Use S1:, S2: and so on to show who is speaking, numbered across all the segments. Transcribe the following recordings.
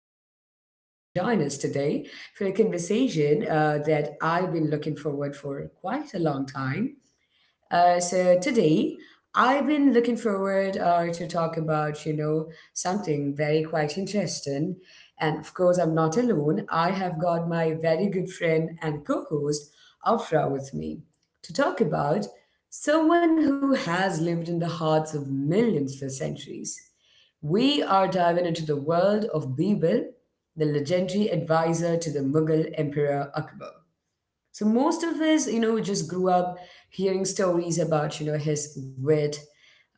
S1: that you could actually join us today for a conversation that I've been looking forward for quite a long time. So today, I've been looking forward to talk about, something very quite interesting. And of course, I'm not alone. I have got my very good friend and co-host, Afra, with me to talk about someone who has lived in the hearts of millions for centuries. We are diving into the world of Bibil, the legendary advisor to the Mughal Emperor Akbar. So most of us, just grew up hearing stories about, his wit,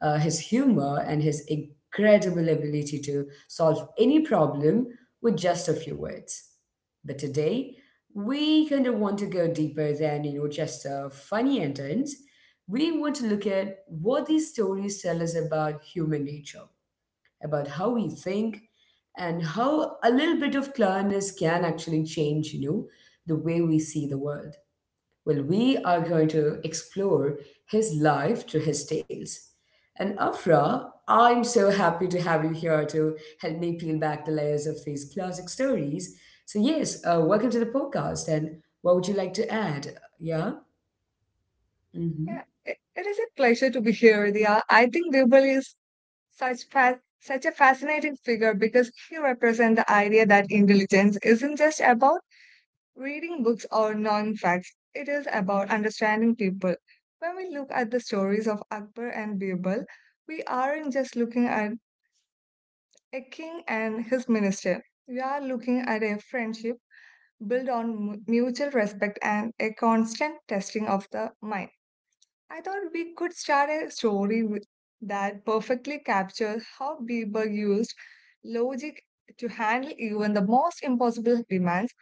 S1: his humor, and his incredible ability to solve any problem with just a few words. But today, we kind of want to go deeper than, just a funny endings. We want to look at what these stories tell us about human nature, about how we think, and how a little bit of cleverness can actually change, the way we see the world. Well, we are going to explore his life through his tales. And Afra, I'm so happy to have you here to help me peel back the layers of these classic stories. So, yes, welcome to the podcast. And what would you like to add? Yeah? Mm-hmm.
S2: Yeah, it is a pleasure to be here, Dia. I think Birbal is such a fascinating figure because he represents the idea that intelligence isn't just about reading books or knowing facts. It is about understanding people. When we look at the stories of Akbar and Birbal, we aren't just looking at a king and his minister. We are looking at a friendship built on mutual respect and a constant testing of the mind. I thought we could start a story that perfectly captures how Bieber used logic to handle even the most impossible demands.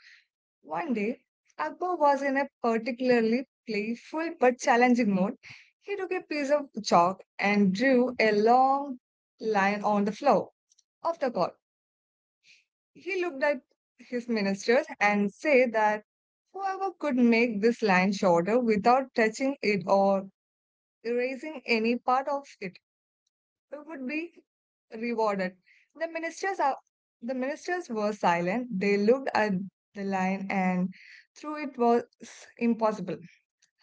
S2: One day, Akbar was in a particularly playful but challenging mood. He took a piece of chalk and drew a long line on the floor of the court. He looked at his ministers and said that whoever could make this line shorter without touching it or erasing any part of it would be rewarded. The ministers are, the ministers were silent. They looked at the line and through it was impossible.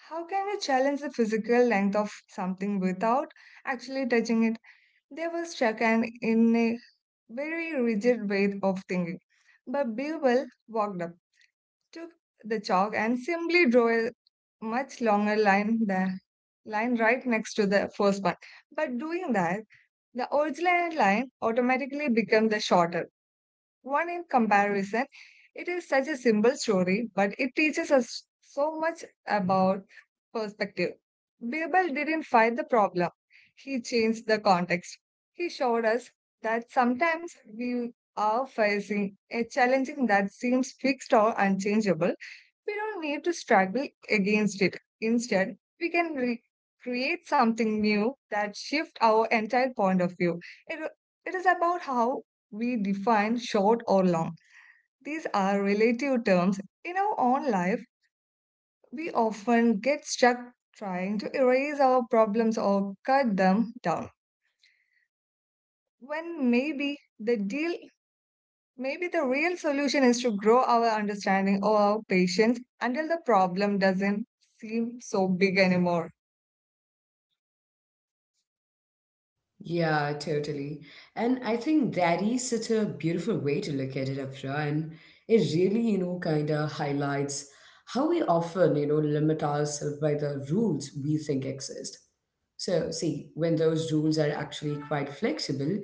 S2: How can you challenge the physical length of something without actually touching it? They were struck and in a very rigid way of thinking. But Bewell walked up, took the chalk and simply drew a much longer line than line right next to the first one. But doing that the original line automatically becomes the shorter one in comparison. It is such a simple story, but it teaches us so much about perspective. Birbal didn't fight the problem, he changed the context. He showed us that sometimes we are facing a challenging that seems fixed or unchangeable, we don't need to struggle against it. Instead, we can create something new that shifts our entire point of view. It, it is about how we define short or long. These are relative terms. In our own life, we often get stuck trying to erase our problems or cut them down. When maybe the deal Maybe the real solution is to grow our understanding or our patience until the problem doesn't seem so big anymore.
S1: Yeah, totally. And I think that is such a beautiful way to look at it, Afra. And it really, kind of highlights how we often, limit ourselves by the rules we think exist. So, see, when those rules are actually quite flexible,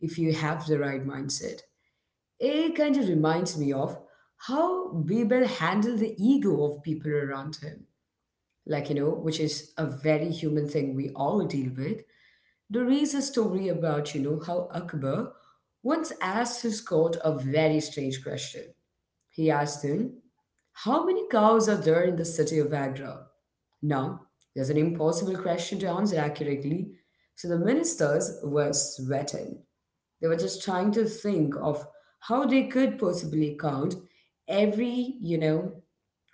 S1: if you have the right mindset, it kind of reminds me of how Bebel handled the ego of people around him. Like, you know, which is a very human thing we all deal with. There is a story about, how Akbar once asked his court a very strange question. He asked him, how many cows are there in the city of Agra? Now, there's an impossible question to answer accurately, so the ministers were sweating. They were just trying to think of how they could possibly count every, you know,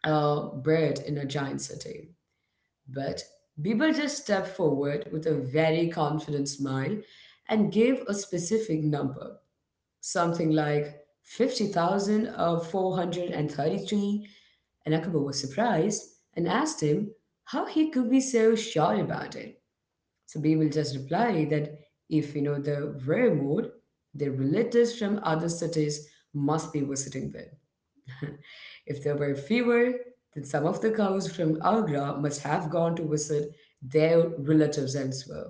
S1: uh, bird in a giant city. But Bieber just stepped forward with a very confident smile and gave a specific number, something like 50,433. And Akbar was surprised and asked him how he could be so sure about it. So Bieber just replied that if you know the rare the relatives from other cities must be visiting there. If there were fewer, then some of the cows from Agra must have gone to visit their relatives elsewhere.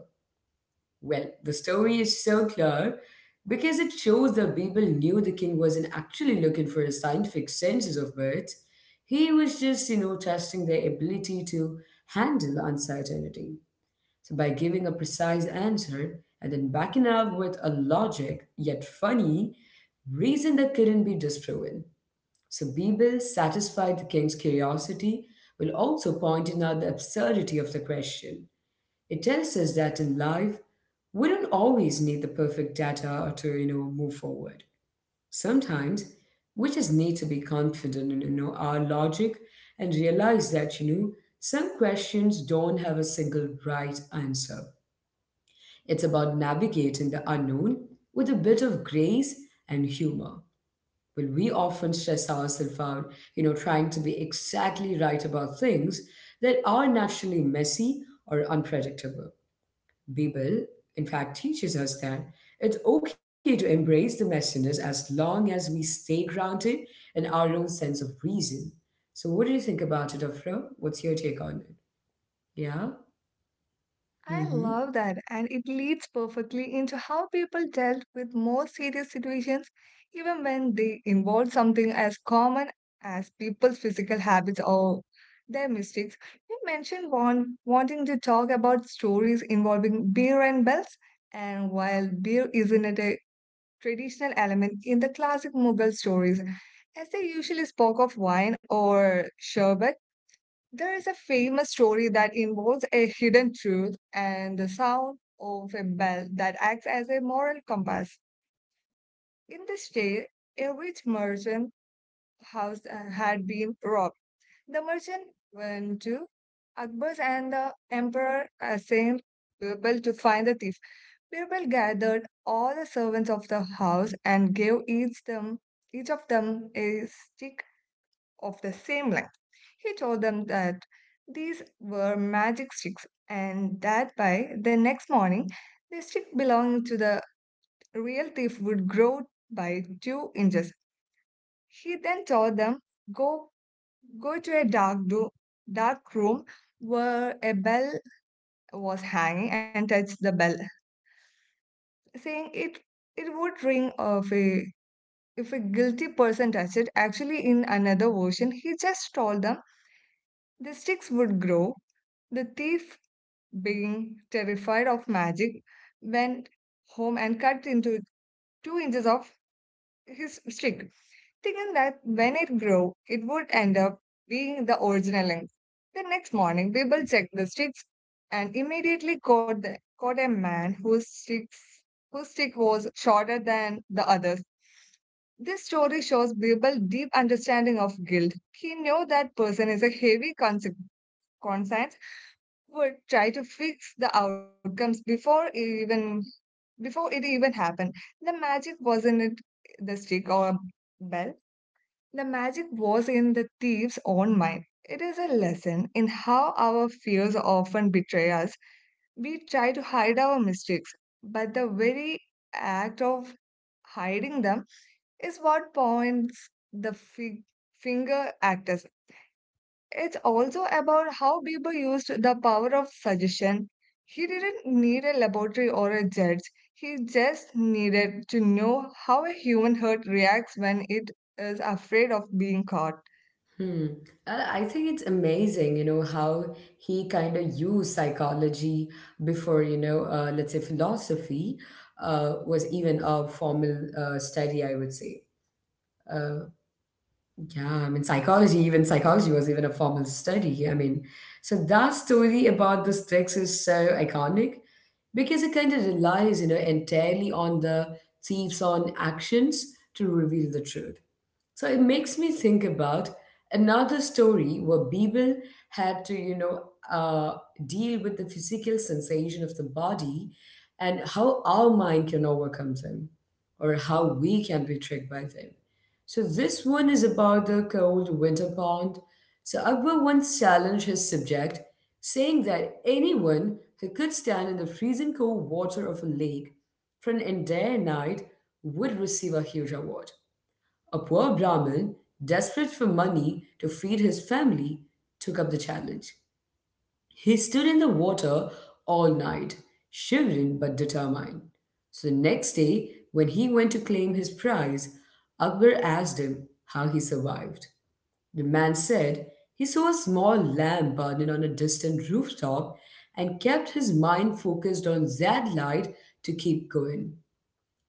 S1: Well, the story is so clear because it shows that people knew the king wasn't actually looking for a scientific census of birds. He was just, testing their ability to handle uncertainty. So by giving a precise answer and then backing up with a logic, yet funny, reason that couldn't be disproven. So Bebel, satisfied the king's curiosity, will also pointing out the absurdity of the question. It tells us that in life, we don't always need the perfect data to, move forward. Sometimes we just need to be confident in, our logic and realize that, some questions don't have a single right answer. It's about navigating the unknown with a bit of grace and humor. Well, we often stress ourselves out, trying to be exactly right about things that are naturally messy or unpredictable. Bible, in fact, teaches us that it's okay to embrace the messiness as long as we stay grounded in our own sense of reason. So, what do you think about it, Afra? What's your take on it? Yeah?
S2: I
S1: Mm-hmm.
S2: love that, and it leads perfectly into how people dealt with more serious situations, even when they involved something as common as people's physical habits or their mistakes. You mentioned wanting to talk about stories involving beer and bells, and while beer isn't it a traditional element in the classic Mughal stories, as they usually spoke of wine or sherbet, there is a famous story that involves a hidden truth and the sound of a bell that acts as a moral compass. In this tale, a rich merchant house had been robbed. The merchant went to Akbar's and the emperor assigned Birbal to find the thief. Birbal gathered all the servants of the house and gave each of them a stick of the same line. He told them that these were magic sticks and that by the next morning, the stick belonging to the real thief would grow by 2 inches. He then told them, Go, go to a dark room where a bell was hanging and touch the bell, saying it would ring of a if a guilty person touched it, actually in another version, he just told them the sticks would grow, the thief being terrified of magic, went home and cut into 2 inches of his stick, thinking that when it grew, it would end up being the original length. The next morning, people checked the sticks and immediately caught a man whose stick was shorter than the others. This story shows Birbal deep understanding of guilt. He knew that person is a heavy conscience would try to fix the outcomes before it even happened, the magic wasn't in the stick or bell. The magic was in the thief's own mind. It is a lesson in how our fears often betray us. We try to hide our mistakes, but the very act of hiding them is what points the finger at us. It's also about how Bieber used the power of suggestion. He didn't need a laboratory or a judge. He just needed to know how a human heart reacts when it is afraid of being caught.
S1: Hmm. And I think it's amazing, how he kind of used psychology before, let's say philosophy was even a formal study, I would say. Uh, yeah, I mean, psychology, even psychology was even a formal study. I mean, so that story about this text is so iconic because it kind of relies, entirely on the thieves' on actions to reveal the truth. So it makes me think about another story where people had to, uh, deal with the physical sensation of the body and how our mind can overcome them or how we can be tricked by them. So this one is about the cold winter pond. So Akbar once challenged his subject, saying that anyone who could stand in the freezing cold water of a lake for an entire night would receive a huge award. A poor Brahmin, desperate for money to feed his family, took up the challenge. He stood in the water all night, shivering but determined. So the next day, when he went to claim his prize, Akbar asked him how he survived. The man said he saw a small lamp burning on a distant rooftop and kept his mind focused on that light to keep going.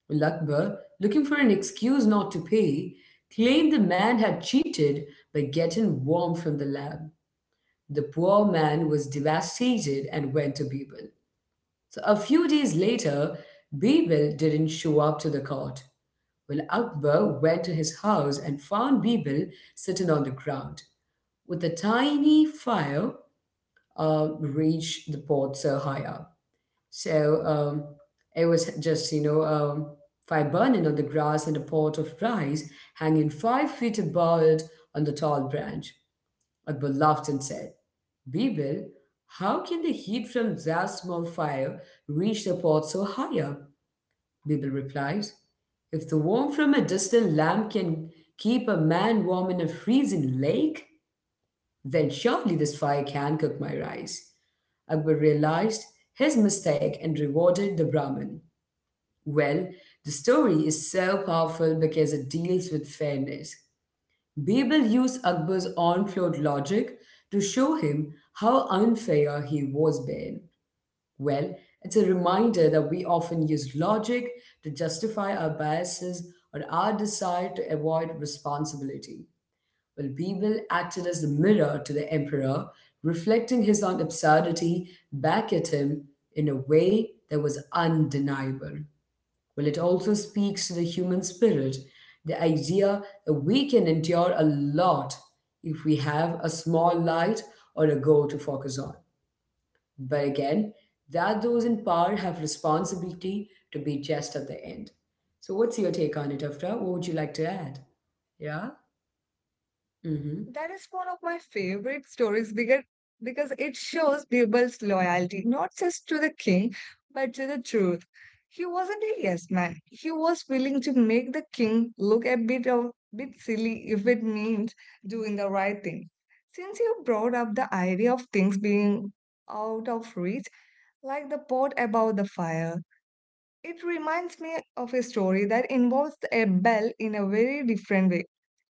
S1: Well, looking for an excuse not to pay, claimed the man had cheated by getting warm from the lab. The poor man was devastated and went to Bibel. So a few days later, Bibel didn't show up to the court. Well, Akbar went to his house and found Bibel sitting on the ground with a tiny fire reached the pot so high up. So it was just, you know, fire burning on the grass and a pot of rice hanging 5 feet above it on the tall branch. Akbar laughed and said, Bibil, how can the heat from that small fire reach the pot so high up? Bibil replied, if the warmth from a distant lamp can keep a man warm in a freezing lake, then surely this fire can cook my rice. Akbar realized his mistake and rewarded the Brahmin. Well, the story is so powerful because it deals with fairness. Birbal used Akbar's unflawed logic to show him how unfair he was being. Well, it's a reminder that we often use logic to justify our biases or our desire to avoid responsibility. Well, Bebel acted as the mirror to the emperor, reflecting his own absurdity back at him in a way that was undeniable. Well, it also speaks to the human spirit, the idea that we can endure a lot if we have a small light or a goal to focus on. But again, that those in power have responsibility to be just at the end. So, what's your take on it, Afra? What would you like to add? Yeah? Mm-hmm.
S2: That is one of my favorite stories because it shows Birbal's loyalty, not just to the king, but to the truth. He wasn't a yes man. He was willing to make the king look a bit silly if it means doing the right thing. Since you brought up the idea of things being out of reach, like the pot above the fire, it reminds me of a story that involves a bell in a very different way,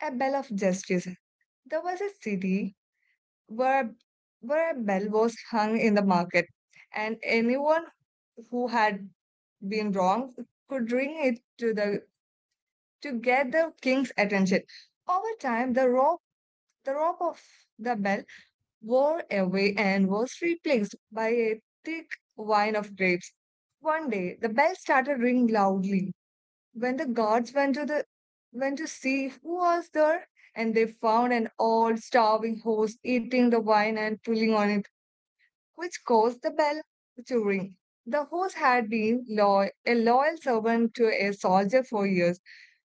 S2: a bell of justice. There was a city where where a bell was hung in the market, and anyone who had been wrong could ring it to get the king's attention. Over time, the rope of the bell wore away and was replaced by a thick vine of grapes. One day, the bell started ringing loudly. When the guards went to see who was there, and they found an old starving horse eating the wine and pulling on it which caused the bell to ring. The horse had been a loyal servant to a soldier for years,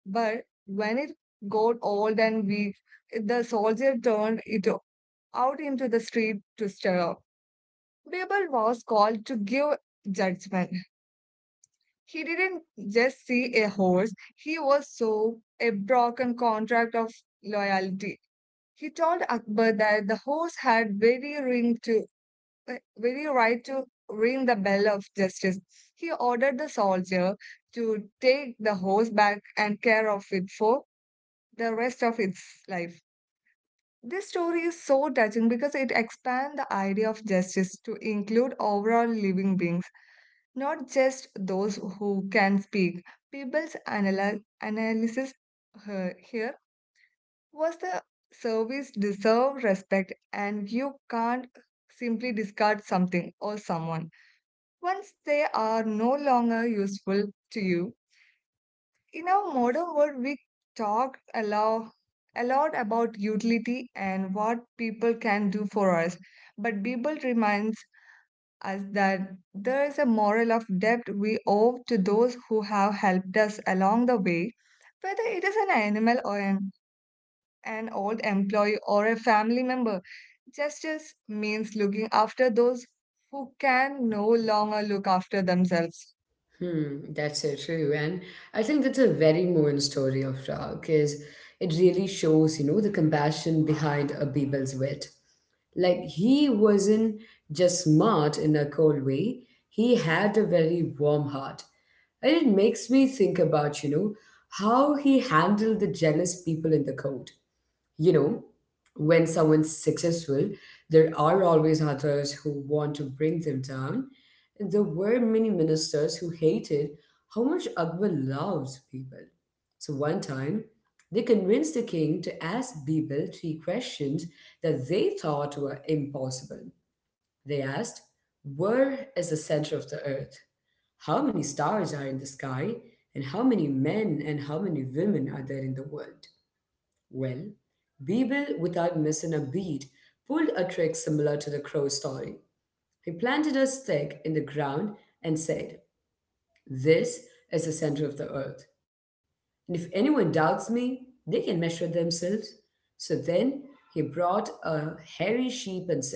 S2: but when it got old and weak, the soldier turned it out into the street to stir up. Babel was called to give judgment. He didn't just see a horse, he was so a broken contract of loyalty. He told Akbar that the horse had very right to ring the bell of justice. He ordered the soldier to take the horse back and care of it for the rest of its life. This story is so touching because it expands the idea of justice to include overall living beings, not just those who can speak. People's analysis here was the service deserve respect and you can't simply discard something or someone, once they are no longer useful to you. In our modern world, we talk a lot about utility and what people can do for us, but Bible reminds us that there is a moral of debt we owe to those who have helped us along the way, whether it is an animal or an old employee or a family member. Justice means looking after those who can no longer look after themselves.
S1: Hmm, that's so true. And I think that's a very moving story of Prague because it really shows, the compassion behind a Abibel's wit. Like he wasn't just smart in a cold way, he had a very warm heart. And it makes me think about, how he handled the jealous people in the court, you know, when someone's successful, there are always others who want to bring them down. There were many ministers who hated how much Akbar loves people. So one time, they convinced the king to ask Birbal three questions that they thought were impossible. They asked, where is the center of the earth? How many stars are in the sky? And how many men and how many women are there in the world? Well, Beeble, without missing a beat, pulled a trick similar to the crow story. He planted a stick in the ground and said, this is the center of the earth. And if anyone doubts me, they can measure themselves. So then he brought a hairy sheep and said,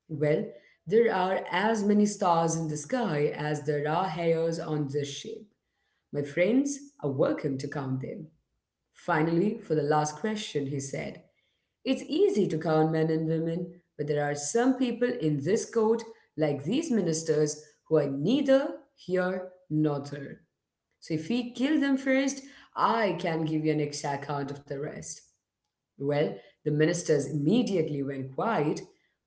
S1: well, there are as many stars in the sky as there are hairs on this sheep. My friends are welcome to count them. Finally, for the last question, he said, it's easy to count men and women, but there are some people in this court, like these ministers, who are neither here nor there. So if we kill them first, I can give you an exact count of the rest. Well, the ministers immediately went quiet.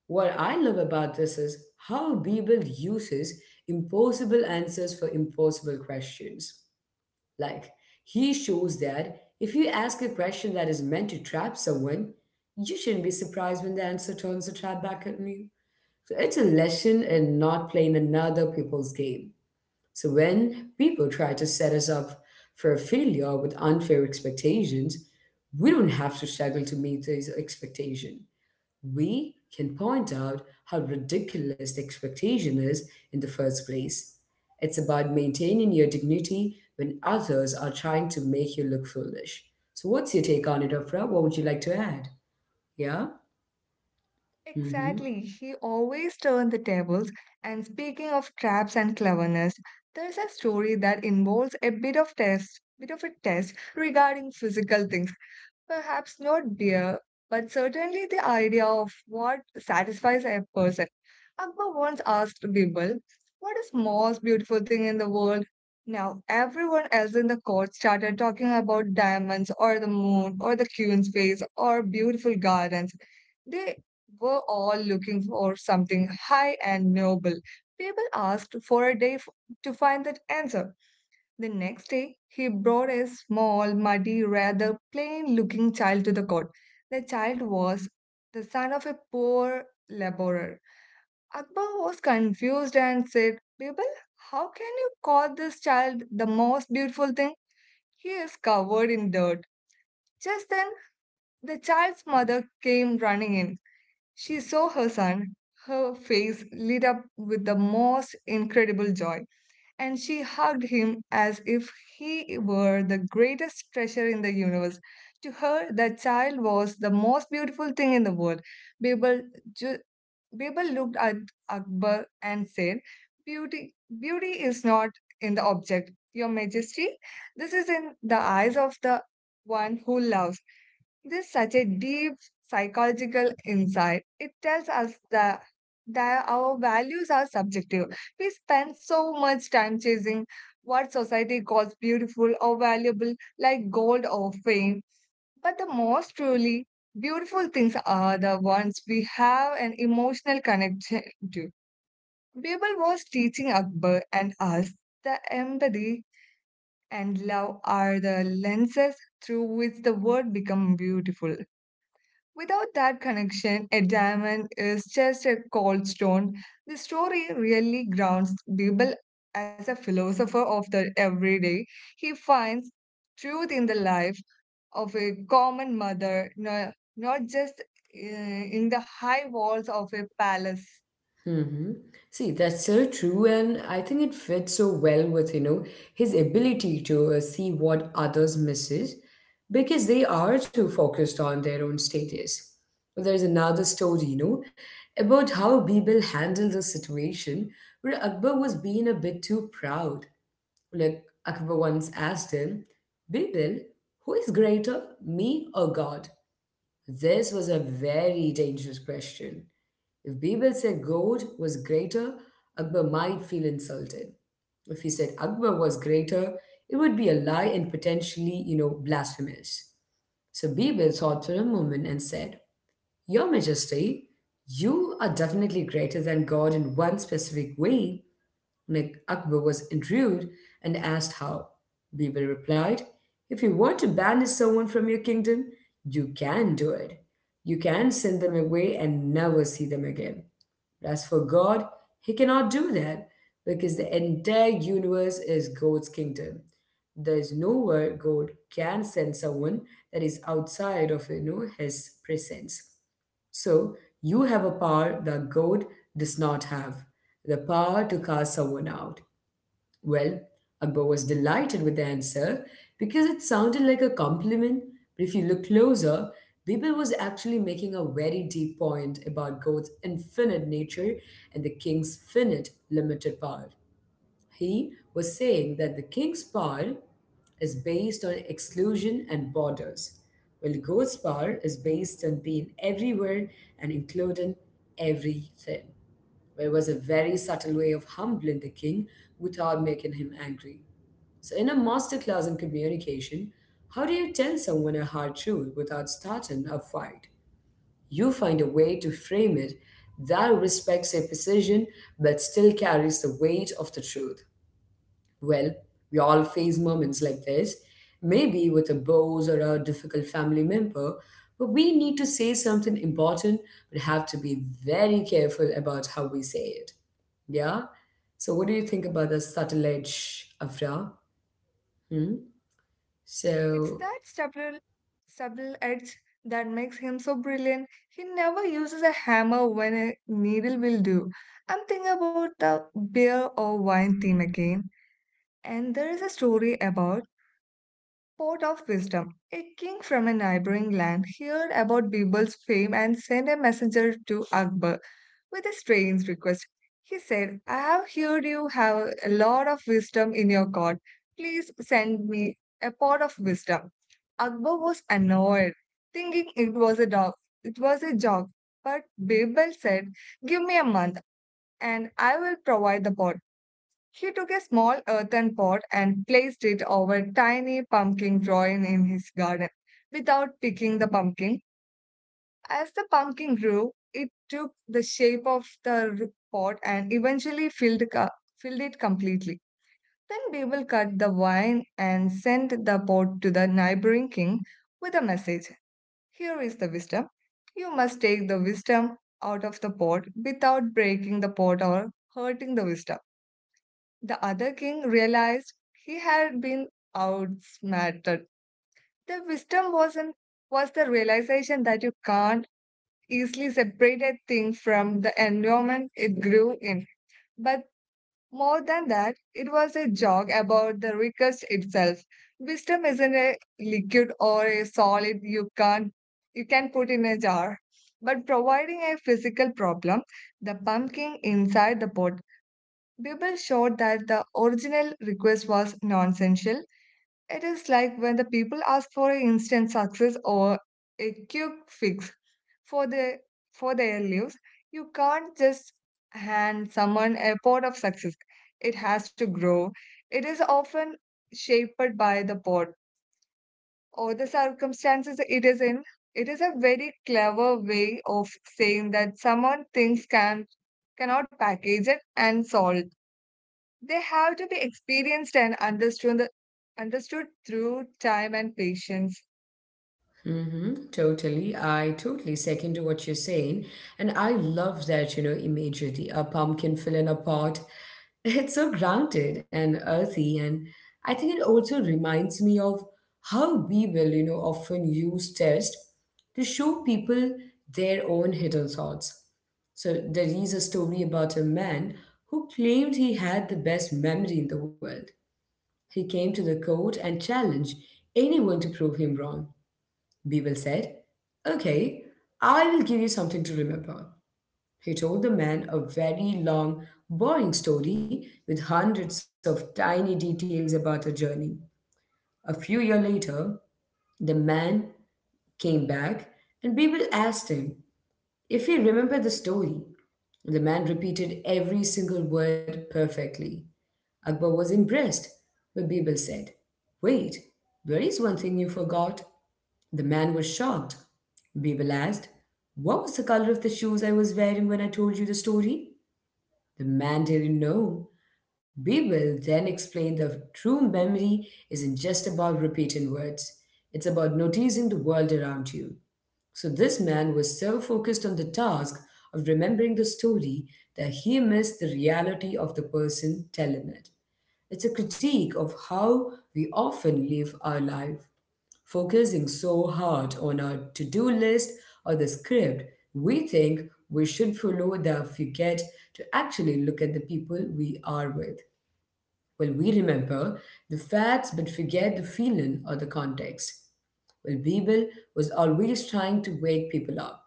S1: What I love about this is how Bible uses impossible answers for impossible questions. Like, he shows that if you ask a question that is meant to trap someone, you shouldn't be surprised when the answer turns a trap back at you. So it's a lesson in not playing another people's game. So when people try to set us up for a failure with unfair expectations, we don't have to struggle to meet these expectations, we can point out how ridiculous the expectation is in the first place. It's about maintaining your dignity when others are trying to make you look foolish. So, what's your take on it, Afra? What would you like to add? Yeah? Mm-hmm.
S2: Exactly. He always turned the tables. And speaking of traps and cleverness, there's a story that involves a bit of a test regarding physical things. Perhaps not beer, but certainly the idea of what satisfies a person. Akbar once asked Birbal, what is most beautiful thing in the world? Now, everyone else in the court started talking about diamonds or the moon or the queen's face or beautiful gardens. They were all looking for something high and noble. Birbal asked for a day to find that answer. The next day, he brought a small, muddy, rather plain looking child to the court. The child was the son of a poor laborer. Akbar was confused and said, Bibal, how can you call this child the most beautiful thing? He is covered in dirt. Just then, the child's mother came running in. She saw her son. Her face lit up with the most incredible joy and she hugged him as if he were the greatest treasure in the universe. To her, that child was the most beautiful thing in the world. Babel, ju- Babel looked at Akbar and said, Beauty is not in the object, Your Majesty. This is in the eyes of the one who loves. This is such a deep psychological insight. It tells us that our values are subjective. We spend so much time chasing what society calls beautiful or valuable, like gold or fame. But the most truly beautiful things are the ones we have an emotional connection to. People was teaching Akbar and us that empathy and love are the lenses through which the world becomes beautiful. Without that connection, a diamond is just a cold stone. The story really grounds Bibel as a philosopher of the everyday. He finds truth in the life of a common mother, not just in the high walls of a palace.
S1: Mm-hmm. See, that's so true, and I think it fits so well with, his ability to see what others misses because they are too focused on their own status. There's another story, about how Bibel handled the situation where Akbar was being a bit too proud. Like Akbar once asked him, Bibel, who is greater, me or God? This was a very dangerous question. If Birbal said gold was greater, Akbar might feel insulted. If he said Akbar was greater, it would be a lie and potentially, blasphemous. So Birbal thought for a moment and said, Your Majesty, you are definitely greater than God in one specific way. And Akbar was intrigued and asked how. Birbal replied, If you want to banish someone from your kingdom, you can do it. You can send them away and never see them again. But as for God, he cannot do that because the entire universe is God's kingdom. There is nowhere God can send someone that is outside of his presence. So you have a power that God does not have, the power to cast someone out. Well, Akbar was delighted with the answer because it sounded like a compliment, but if you look closer, Bibil was actually making a very deep point about God's infinite nature and the king's finite, limited power. He was saying that the king's power is based on exclusion and borders, while God's power is based on being everywhere and including everything. Well, it was a very subtle way of humbling the king without making him angry. So, in a masterclass in communication, how do you tell someone a hard truth without starting a fight? You find a way to frame it that respects their precision but still carries the weight of the truth. Well, we all face moments like this, maybe with a boss or a difficult family member, but we need to say something important but have to be very careful about how we say it. Yeah? So, what do you think about the subtle edge, Afra? Hmm?
S2: It's
S1: So,
S2: that subtle edge that makes him so brilliant. He never uses a hammer when a needle will do. I'm thinking about the beer or wine theme again. And there is a story about pot of wisdom. A king from a neighboring land heard about Bibal's fame and sent a messenger to Akbar with a strange request. He said, I have heard you have a lot of wisdom in your court. Please send me a pot of wisdom. Akbar was annoyed, thinking it was a dog. It was a joke. But Bibal said, give me a month and I will provide the pot. He took a small earthen pot and placed it over tiny pumpkin growing in his garden. Without picking the pumpkin, as the pumpkin grew, it took the shape of the pot and eventually filled it completely. Then Beeble cut the vine and sent the pot to the neighboring king with a message. Here is the wisdom. You must take the wisdom out of the pot without breaking the pot or hurting the wisdom. The other king realized he had been outsmarted. The wisdom wasn't was the realization that you can't easily separate a thing from the environment it grew in. But more than that, it was a joke about the request itself. Wisdom isn't a liquid or a solid you can't you can put in a jar. But providing a physical problem, the pumpkin inside the pot people showed that the original request was nonsensical. It is like when the people ask for an instant success or a quick fix for the for their lives. You can't just hand someone a pot of success. It has to grow. It is often shaped by the pot or the circumstances it is in. It is a very clever way of saying that someone thinks can cannot package it and solve they have to be experienced and understood through time and patience.
S1: mhm, totally. I totally second to what you're saying. And I love that, imagery, a pumpkin fill in a pot. It's so grounded and earthy. And I think it also reminds me of how people, often use text to show people their own hidden thoughts. So there is a story about a man who claimed he had the best memory in the world. He came to the court and challenged anyone to prove him wrong. Beagle said. Okay, I will give you something to remember. He told the man a very long, boring story with hundreds of tiny details about a journey. A few years later, the man came back and Beagle asked him if he remembered the story. The man repeated every single word perfectly. Akbar was impressed, but Beagle said, Wait, there is one thing you forgot. The man was shocked. Babel asked, What was the color of the shoes I was wearing when I told you the story? The man didn't know. Babel then explained that true memory isn't just about repeating words, it's about noticing the world around you. So this man was so focused on the task of remembering the story that he missed the reality of the person telling it. It's a critique of how we often live our life focusing so hard on our to do list or the script we think we should follow that we get to actually look at the people we are with. Well, we remember the facts but forget the feeling or the context. Well, Bebel was always trying to wake people up,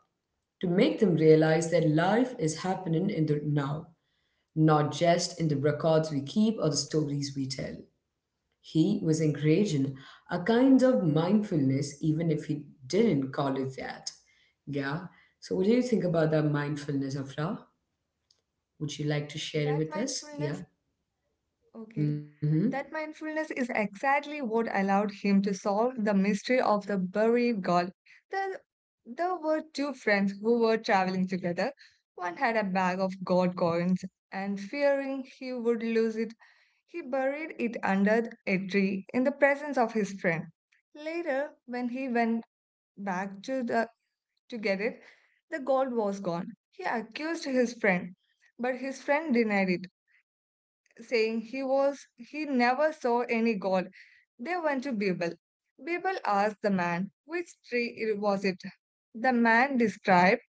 S1: to make them realize that life is happening in the now, not just in the records we keep or the stories we tell. He was encouraging a kind of mindfulness, even if he didn't call it that. Yeah. So, what do you think about that mindfulness, Afra? Would you like to share it
S2: That
S1: with us?
S2: mindfulness,
S1: Yeah.
S2: okay,
S1: Mm-hmm.
S2: that mindfulness is exactly what allowed him to solve the mystery of the buried god. The there were two friends who were traveling together. One had a bag of gold coins, and fearing he would lose it, he buried it under a tree in the presence of his friend. Later, when he went back to the to get it, the gold was gone. He accused his friend, but his friend denied it, saying he never saw any gold. They went to Bibel. Bibel asked the man which tree it was it. The man described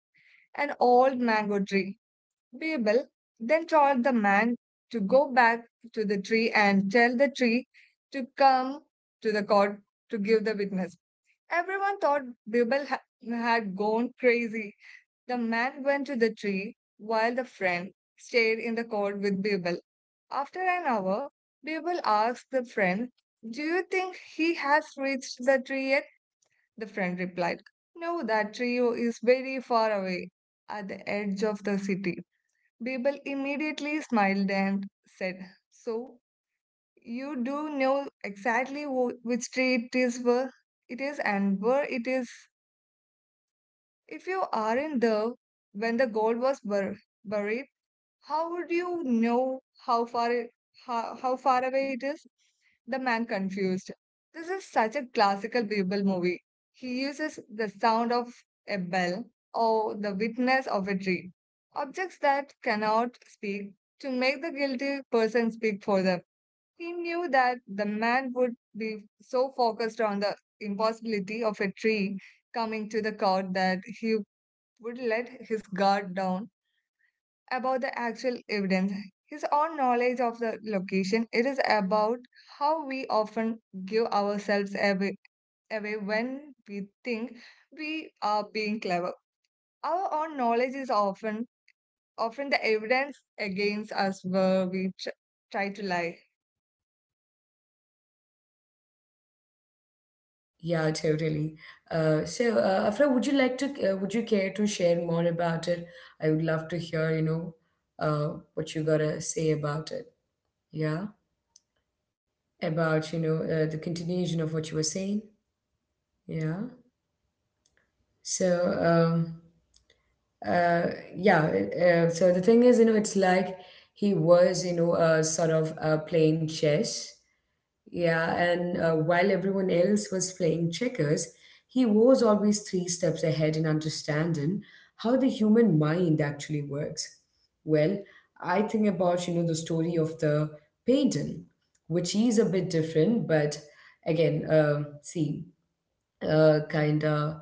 S2: an old mango tree. Bibel then told the man to go back to the tree and tell the tree to come to the court to give the witness. Everyone thought Bibel had gone crazy. The man went to the tree, while the friend stayed in the court with Birbal. After an hour, Birbal asked the friend, do you think he has reached the tree yet? The friend replied, no, that tree is very far away, at the edge of the city. Birbal immediately smiled and said, so, you do know exactly which tree it is, where it is and where it is. If you aren't there when the gold was buried, how would you know how far away it is? The man confused. This is such a classical Bible movie. He uses the sound of a bell or the witness of a tree, objects that cannot speak, to make the guilty person speak for them. He knew that the man would be so focused on the impossibility of a tree coming to the court that he would let his guard down about the actual evidence. His own knowledge of the location, it is about how we often give ourselves away when we think we are being clever. Our own knowledge is often the evidence against us where we try to lie.
S1: Yeah, totally. So, Afra, would you like to? Would you care to share more about it? I would love to hear. What you gotta say about it. Yeah, about the continuation of what you were saying. Yeah. So. um. uh, yeah. So the thing is, it's like he was, sort of playing chess. Yeah, and while everyone else was playing checkers, he was always three steps ahead in understanding how the human mind actually works. Well, I think about, the story of the painting, which is a bit different, but again, see, kind of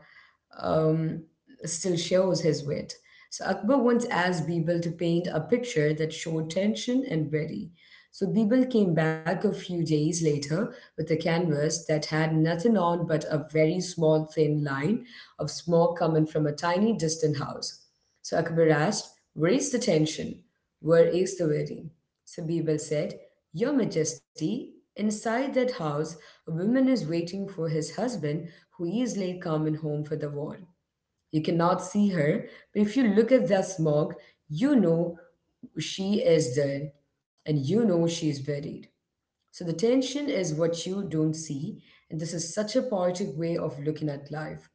S1: um, still shows his wit. So Akbar once asked Birbal to paint a picture that showed tension and ready. So Birbal came back a few days later with a canvas that had nothing on but a very small thin line of smoke coming from a tiny distant house. So Akbar asked, Where is the tension? Where is the wedding? So Birbal said, Your Majesty, inside that house a woman is waiting for his husband, who is late coming home for the war. You cannot see her, but if you look at the smoke, you know she is dead, and you know she is buried. So the tension is what you don't see, and this is such a poetic way of looking at life.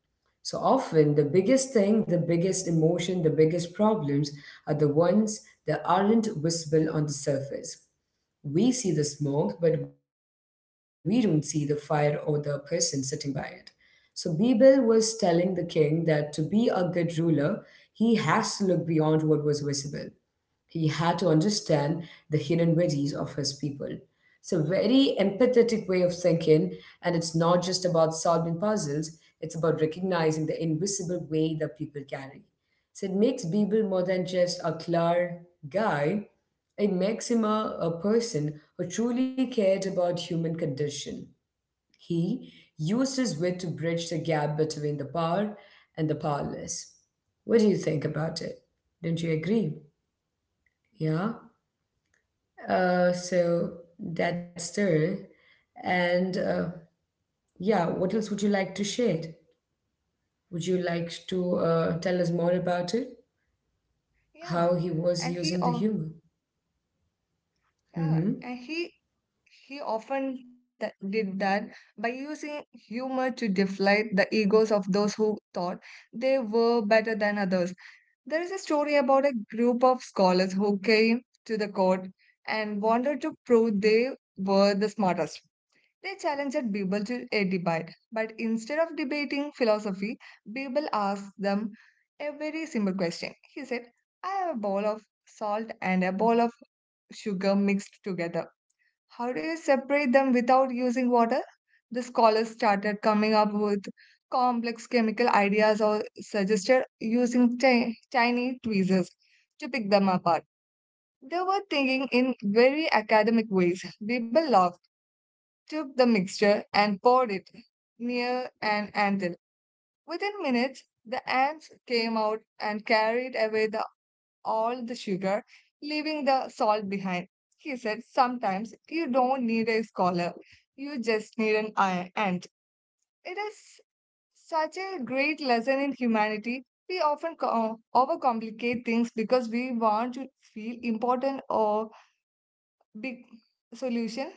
S1: So often, the biggest thing, the biggest emotion, the biggest problems are the ones that aren't visible on the surface. We see the smoke, but we don't see the fire or the person sitting by it. So Bibil was telling the king that to be a good ruler, he has to look beyond what was visible. He had to understand the hidden worries of his people. It's a very empathetic way of thinking, and it's not just about solving puzzles, it's about recognizing the invisible way that people carry. So it makes Beeble more than just a clever guy, it makes him a person who truly cared about human condition. He used his wit to bridge the gap between the power and the powerless. What do you think about it? Don't you agree? Yeah. So that's there. And yeah, what else would you like to share? Would you like to tell us more about it?
S2: Yeah,
S1: How he was
S2: and he
S1: using the
S2: oh
S1: humor?
S2: yeah,
S1: Mm-hmm.
S2: and he often did that by using humor to deflate the egos of those who thought they were better than others. There is a story about a group of scholars who came to the court and wanted to prove they were the smartest. They challenged Bible to a debate, but instead of debating philosophy, Bible asked them a very simple question. He said, I have a bowl of salt and a bowl of sugar mixed together. How do you separate them without using water? The scholars started coming up with complex chemical ideas or suggested using tiny tweezers to pick them apart. They were thinking in very academic ways. Weber laughed, took the mixture, and poured it near an antle. Within minutes, the ants came out and carried away the all the sugar, leaving the salt behind. He said, sometimes you don't need a scholar, you just need an ant. It is such a great lesson in humanity. We often overcomplicate things because we want to feel important or big solution.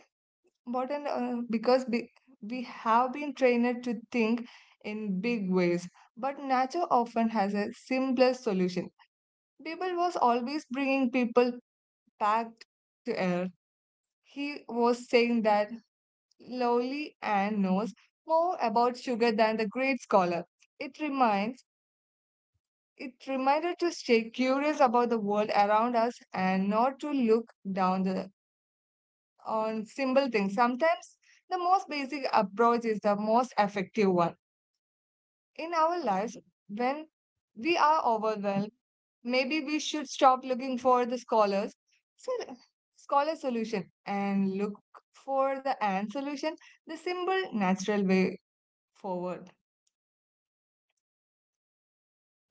S2: Important because big, we have been trained to think in big ways, but nature often has a simpler solution. People was always bringing people packed air. He was saying that lowly Anne knows more about sugar than the great scholar. It reminds it reminded to stay curious about the world around us and not to look down the, on simple things. Sometimes the most basic approach is the most effective one. In our lives, when we are overwhelmed, maybe we should stop looking for the sol- scholar solution and look for the ant solution, the simple, natural way forward.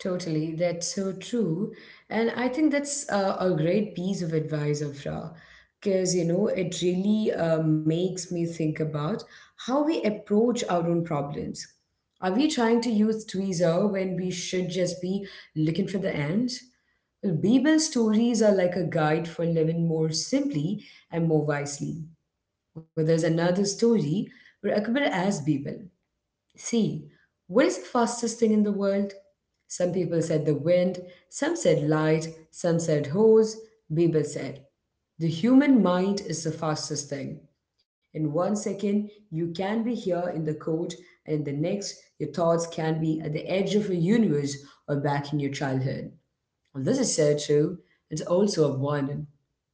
S1: Totally, that's so true. And I think that's a great piece of advice, Afra, because it really makes me think about how we approach our own problems. Are we trying to use tweezer when we should just be looking for the ants? Well, Bible stories are like a guide for living more simply and more wisely. Well, there's another story where Akbar asked Bible. See, what is the fastest thing in the world? Some people said the wind, some said light, some said hose, Bieber said. The human mind is the fastest thing. In one second, you can be here in the cold, and in the next, your thoughts can be at the edge of a universe or back in your childhood. Well, this is so true. It's also a warning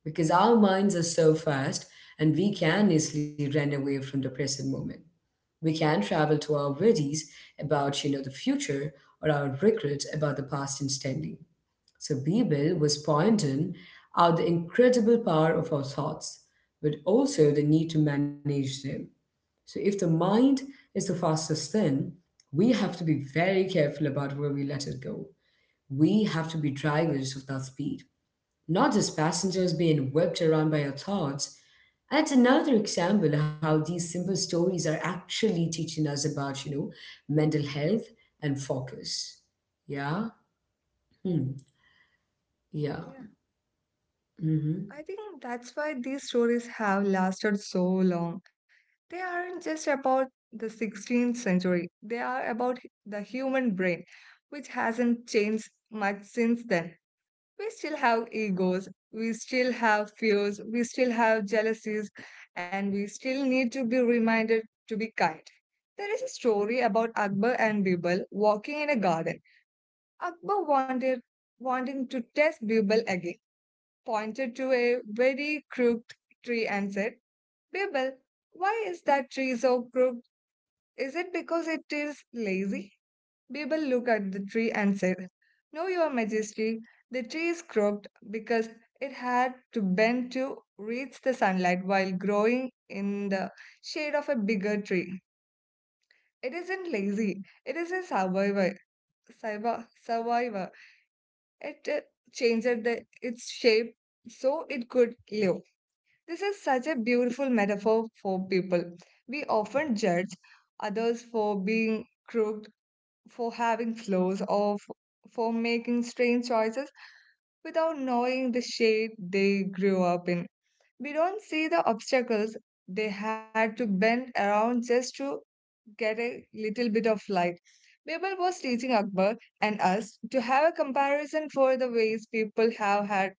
S1: because our minds are so fast and we can easily run away from the present moment. We can travel to our worries about, the future or our regrets about the past instantly. So Bebel was pointing out the incredible power of our thoughts, but also the need to manage them. So if the mind is the fastest thing, we have to be very careful about where we let it go. We have to be drivers of that speed, not just passengers being whipped around by our thoughts. And it's another example how these simple stories are actually teaching us about, mental health and focus. Yeah. Hmm. Yeah.
S2: Yeah,
S1: Mm-hmm.
S2: I think that's why these stories have lasted so long. They aren't just about the 16th century, they are about the human brain, which hasn't changed much since then. We still have egos, we still have fears, we still have jealousies, and we still need to be reminded to be kind. There is a story about Akbar and Birbal walking in a garden. Akbar wanted Wanting to test Birbal again, pointed to a very crooked tree and said, Birbal, why is that tree so crooked? Is it because it is lazy? Birbal looked at the tree and said, no, your majesty, the tree is crooked because it had to bend to reach the sunlight while growing in the shade of a bigger tree. It isn't lazy, it is a survivor. Survivor. Survivor. It changed its shape so it could live. This is such a beautiful metaphor for people. We often judge others for being crooked for having flaws or for making strange choices without knowing the shade they grew up in. We don't see the obstacles they had to bend around just to get a little bit of light. Birbal was teaching Akbar and us to have a comparison for the ways people have had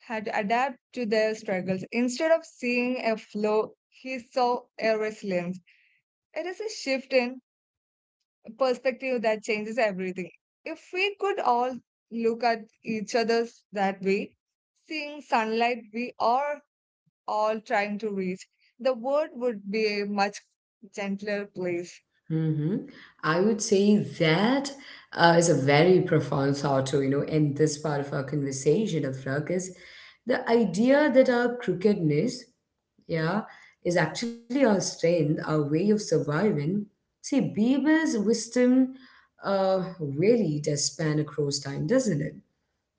S2: had to adapt to their struggles. Instead of seeing a flaw, he saw a resilience. It is a shift in perspective that changes everything. If we could all look at each other's that way, seeing sunlight we are all trying to reach, the world would be a much gentler place.
S1: Mm-hmm. I would say that is a very profound thought to, end this part of our conversation, Afra, is the idea that our crookedness, yeah, is actually our strength, our way of surviving. See, Bible's wisdom really does span across time, doesn't it?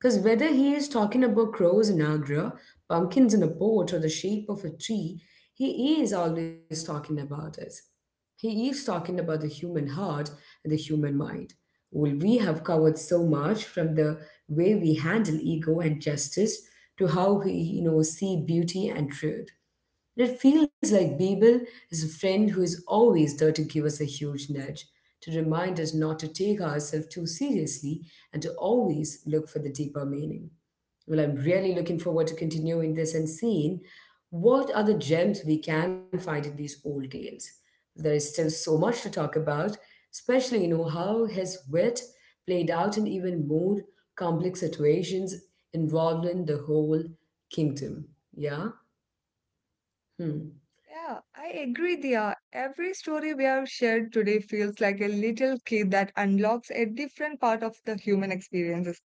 S1: Because whether he is talking about crows in Agra, pumpkins in a pot, or the shape of a tree, he is always talking about us. He is talking about the human heart and the human mind. Well, we have covered so much, from the way we handle ego and justice to how we, see beauty and truth. It feels like Bebel is a friend who is always there to give us a huge nudge, to remind us not to take ourselves too seriously, and to always look for the deeper meaning. Well, I'm really looking forward to continuing this and seeing what are the gems we can find in these old tales. There is still so much to talk about, especially you know how his wit played out in even more complex situations involving the whole kingdom. Yeah. Hmm.
S2: Yeah, I agree, Dia. Every story we have shared today feels like a little key that unlocks a different part of the human experiences.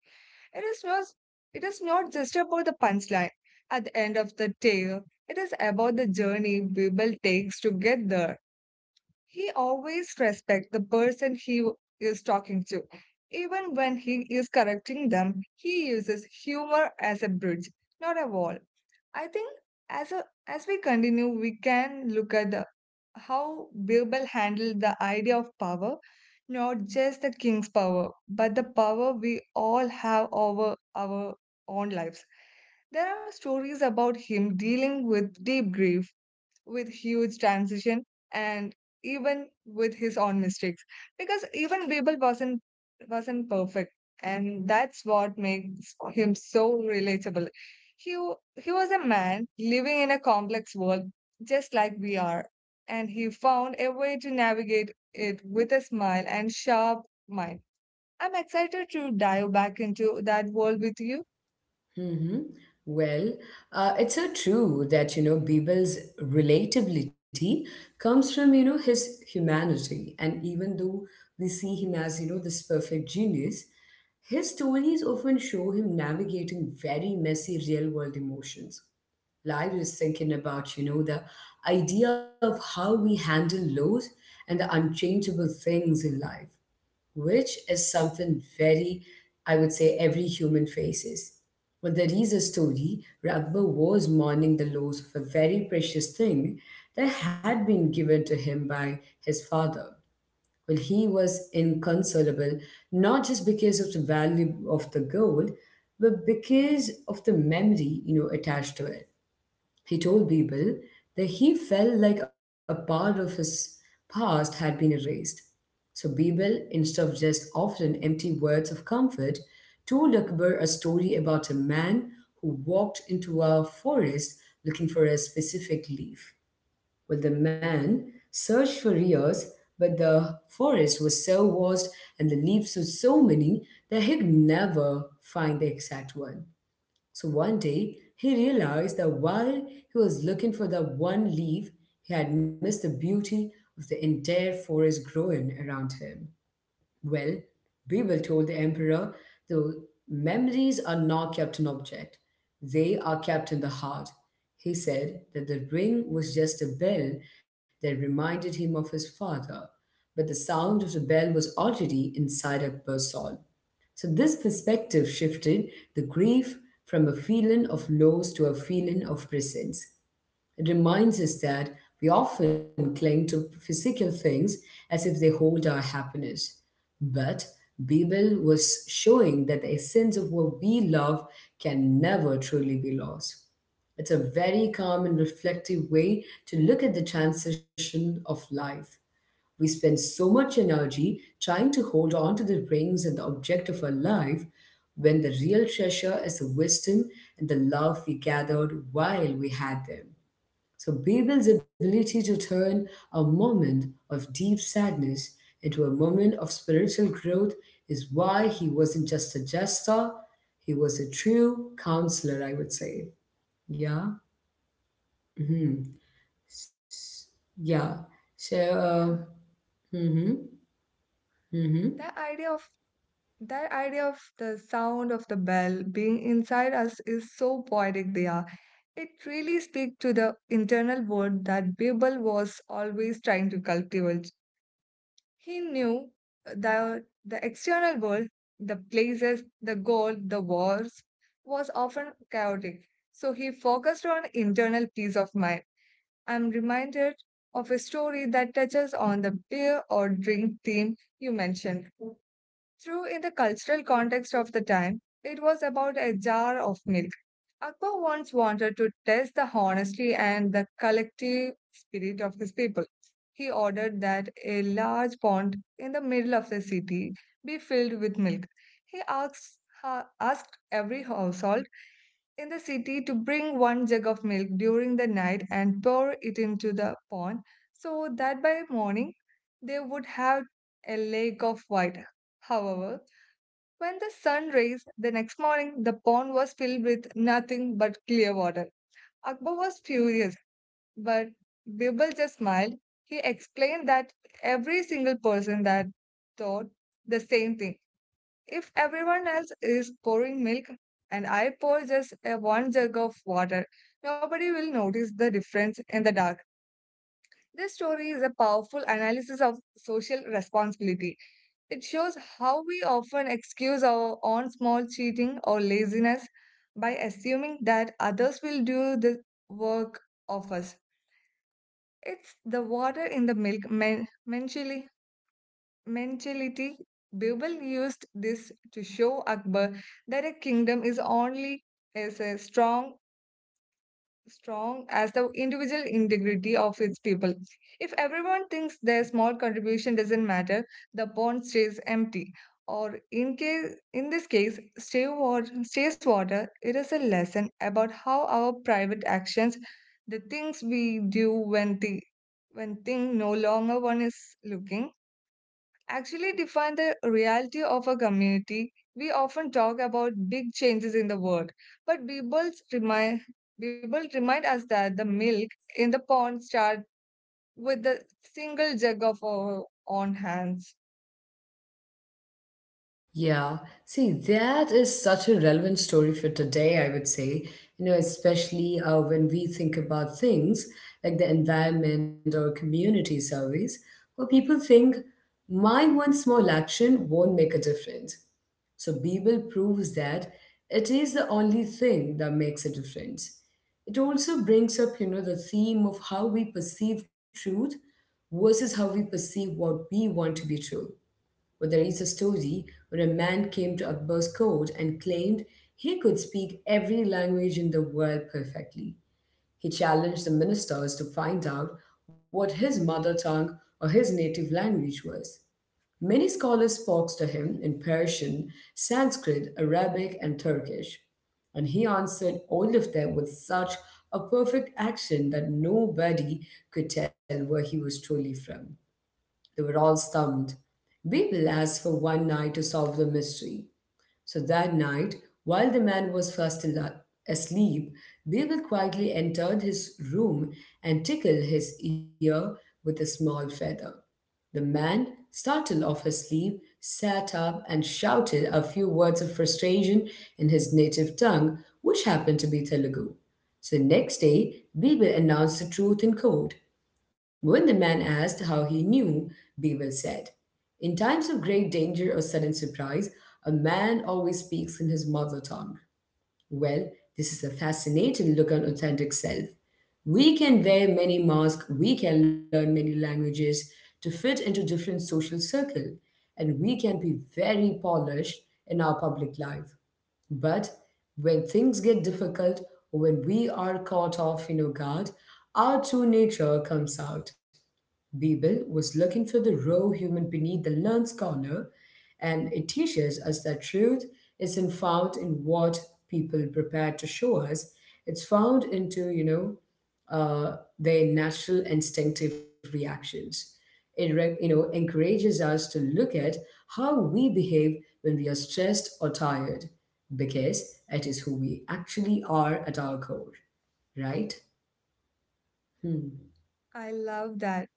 S2: It is not, it is not just about the punchline at the end of the tale. It is about the journey we will take to get there. He always respects the person is talking to. Even when he is correcting them, he uses humor as a bridge, not a wall. I think as we continue, we can look at how Birbal handled the idea of power, not just the king's power, but the power we all have over our own lives. There are stories about him dealing with deep grief, with huge transition and even with his own mistakes, because even Babel wasn't perfect, and that's what makes him so relatable. he w- he was a man living in a complex world just like we are, and he found a way to navigate it with a smile and sharp mind. I'm excited to dive back into that world with you.
S1: hmm Well, it's so true that Bibel's relatability comes from his humanity, and even though we see him as this perfect genius, his stories often show him navigating very messy real world emotions. Like I was thinking about the idea of how we handle loss and the unchangeable things in life, which is something very, I would say, every human faces. But there is a story. Ragba was mourning the loss of a very precious thing that had been given to him by his father. Well, he was inconsolable, not just because of the value of the gold, but because of the memory attached to it. He told people that he felt like a part of his past had been erased. So Bebel, instead of just often empty words of comfort, told Akbar a story about a man who walked into a forest looking for a specific leaf. Well, the man searched for years, but the forest was so vast and the leaves were so many that he could never find the exact one. So one day, he realized that while he was looking for the one leaf, he had missed the beauty of the entire forest growing around him. Well, Beeble told the emperor, the memories are not kept in object, they are kept in the heart. He said that the ring was just a bell that reminded him of his father, but the sound of the bell was already inside Akbar's soul. So this perspective shifted the grief from a feeling of loss to a feeling of presence. It reminds us that we often cling to physical things as if they hold our happiness. But Babel was showing that the essence of what we love can never truly be lost. It's a very calm and reflective way to look at the transition of life. We spend so much energy trying to hold on to the rings and the object of our life when the real treasure is the wisdom and the love we gathered while we had them. So, Babel's ability to turn a moment of deep sadness into a moment of spiritual growth is why he wasn't just a jester, he was a true counselor, I would say. Yeah. hmm Yeah. So,
S2: Yeah,
S1: hmm hmm
S2: the idea of that idea of the sound of the bell being inside us is so poetic, Diya. It really speaks to the internal world that Babel was always trying to cultivate. He knew that the external world, the places, the gold, the wars, was often chaotic. So he focused on internal peace of mind. I'm reminded of a story that touches on the beer or drink theme you mentioned. True, in the cultural context of the time, it was about a jar of milk. Akbar once wanted to test the honesty and the collective spirit of his people. He ordered that a large pond in the middle of the city be filled with milk. He asked every household in the city to bring one jug of milk during the night and pour it into the pond so that by morning they would have a lake of white. However, when the sun raised the next morning, the pond was filled with nothing but clear water. Akbar was furious, but Birbal just smiled. He explained that every single person that thought the same thing. If everyone else is pouring milk and I pour just a one jug of water, nobody will notice the difference in the dark. This story is a powerful analysis of social responsibility. It shows how we often excuse our own small cheating or laziness by assuming that others will do the work of us. It's the water in the milk mentality. Bible used this to show Akbar that a kingdom is only as strong as the individual integrity of its people. If everyone thinks their small contribution doesn't matter, the pond stays empty. Or in case in this case, stay water stays water. It is a lesson about how our private actions, the things we do when the when thing no longer one is looking, actually define the reality of a community. We often talk about big changes in the world, but Bible remind us that the milk in the pond starts with the single jug of our own hands.
S1: Yeah, see, that is such a relevant story for today, I would say. You know, especially when we think about things like the environment or community service, where people think my one small action won't make a difference. So, Bible proves that it is the only thing that makes a difference. It also brings up, you know, the theme of how we perceive truth versus how we perceive what we want to be true. But there is a story where a man came to Akbar's court and claimed he could speak every language in the world perfectly. He challenged the ministers to find out what his mother tongue or his native language was. Many scholars spoke to him in Persian, Sanskrit, Arabic, and Turkish, and he answered all of them with such a perfect accent that nobody could tell where he was truly from. They were all stumped. We will ask for one night to solve the mystery. So that night, while the man was asleep, Bill quietly entered his room and tickled his ear with a small feather. The man, startled off his sleep, sat up and shouted a few words of frustration in his native tongue, which happened to be Telugu. So next day, Bibil announced the truth in court. When the man asked how he knew, Bibil said, in times of great danger or sudden surprise, a man always speaks in his mother tongue. Well, this is a fascinating look at authentic self. We can wear many masks, we can learn many languages to fit into different social circle, and we can be very polished in our public life. But when things get difficult or when we are caught off in our guard, our true nature comes out. Bebel was looking for the raw human beneath the learned scholar, and it teaches us that truth isn't found in what people prepare to show us. It's found into, you know, their natural instinctive reactions. It, you know, encourages us to look at how we behave when we are stressed or tired, because it is who we actually are at our core, right? Hmm.
S2: I love that.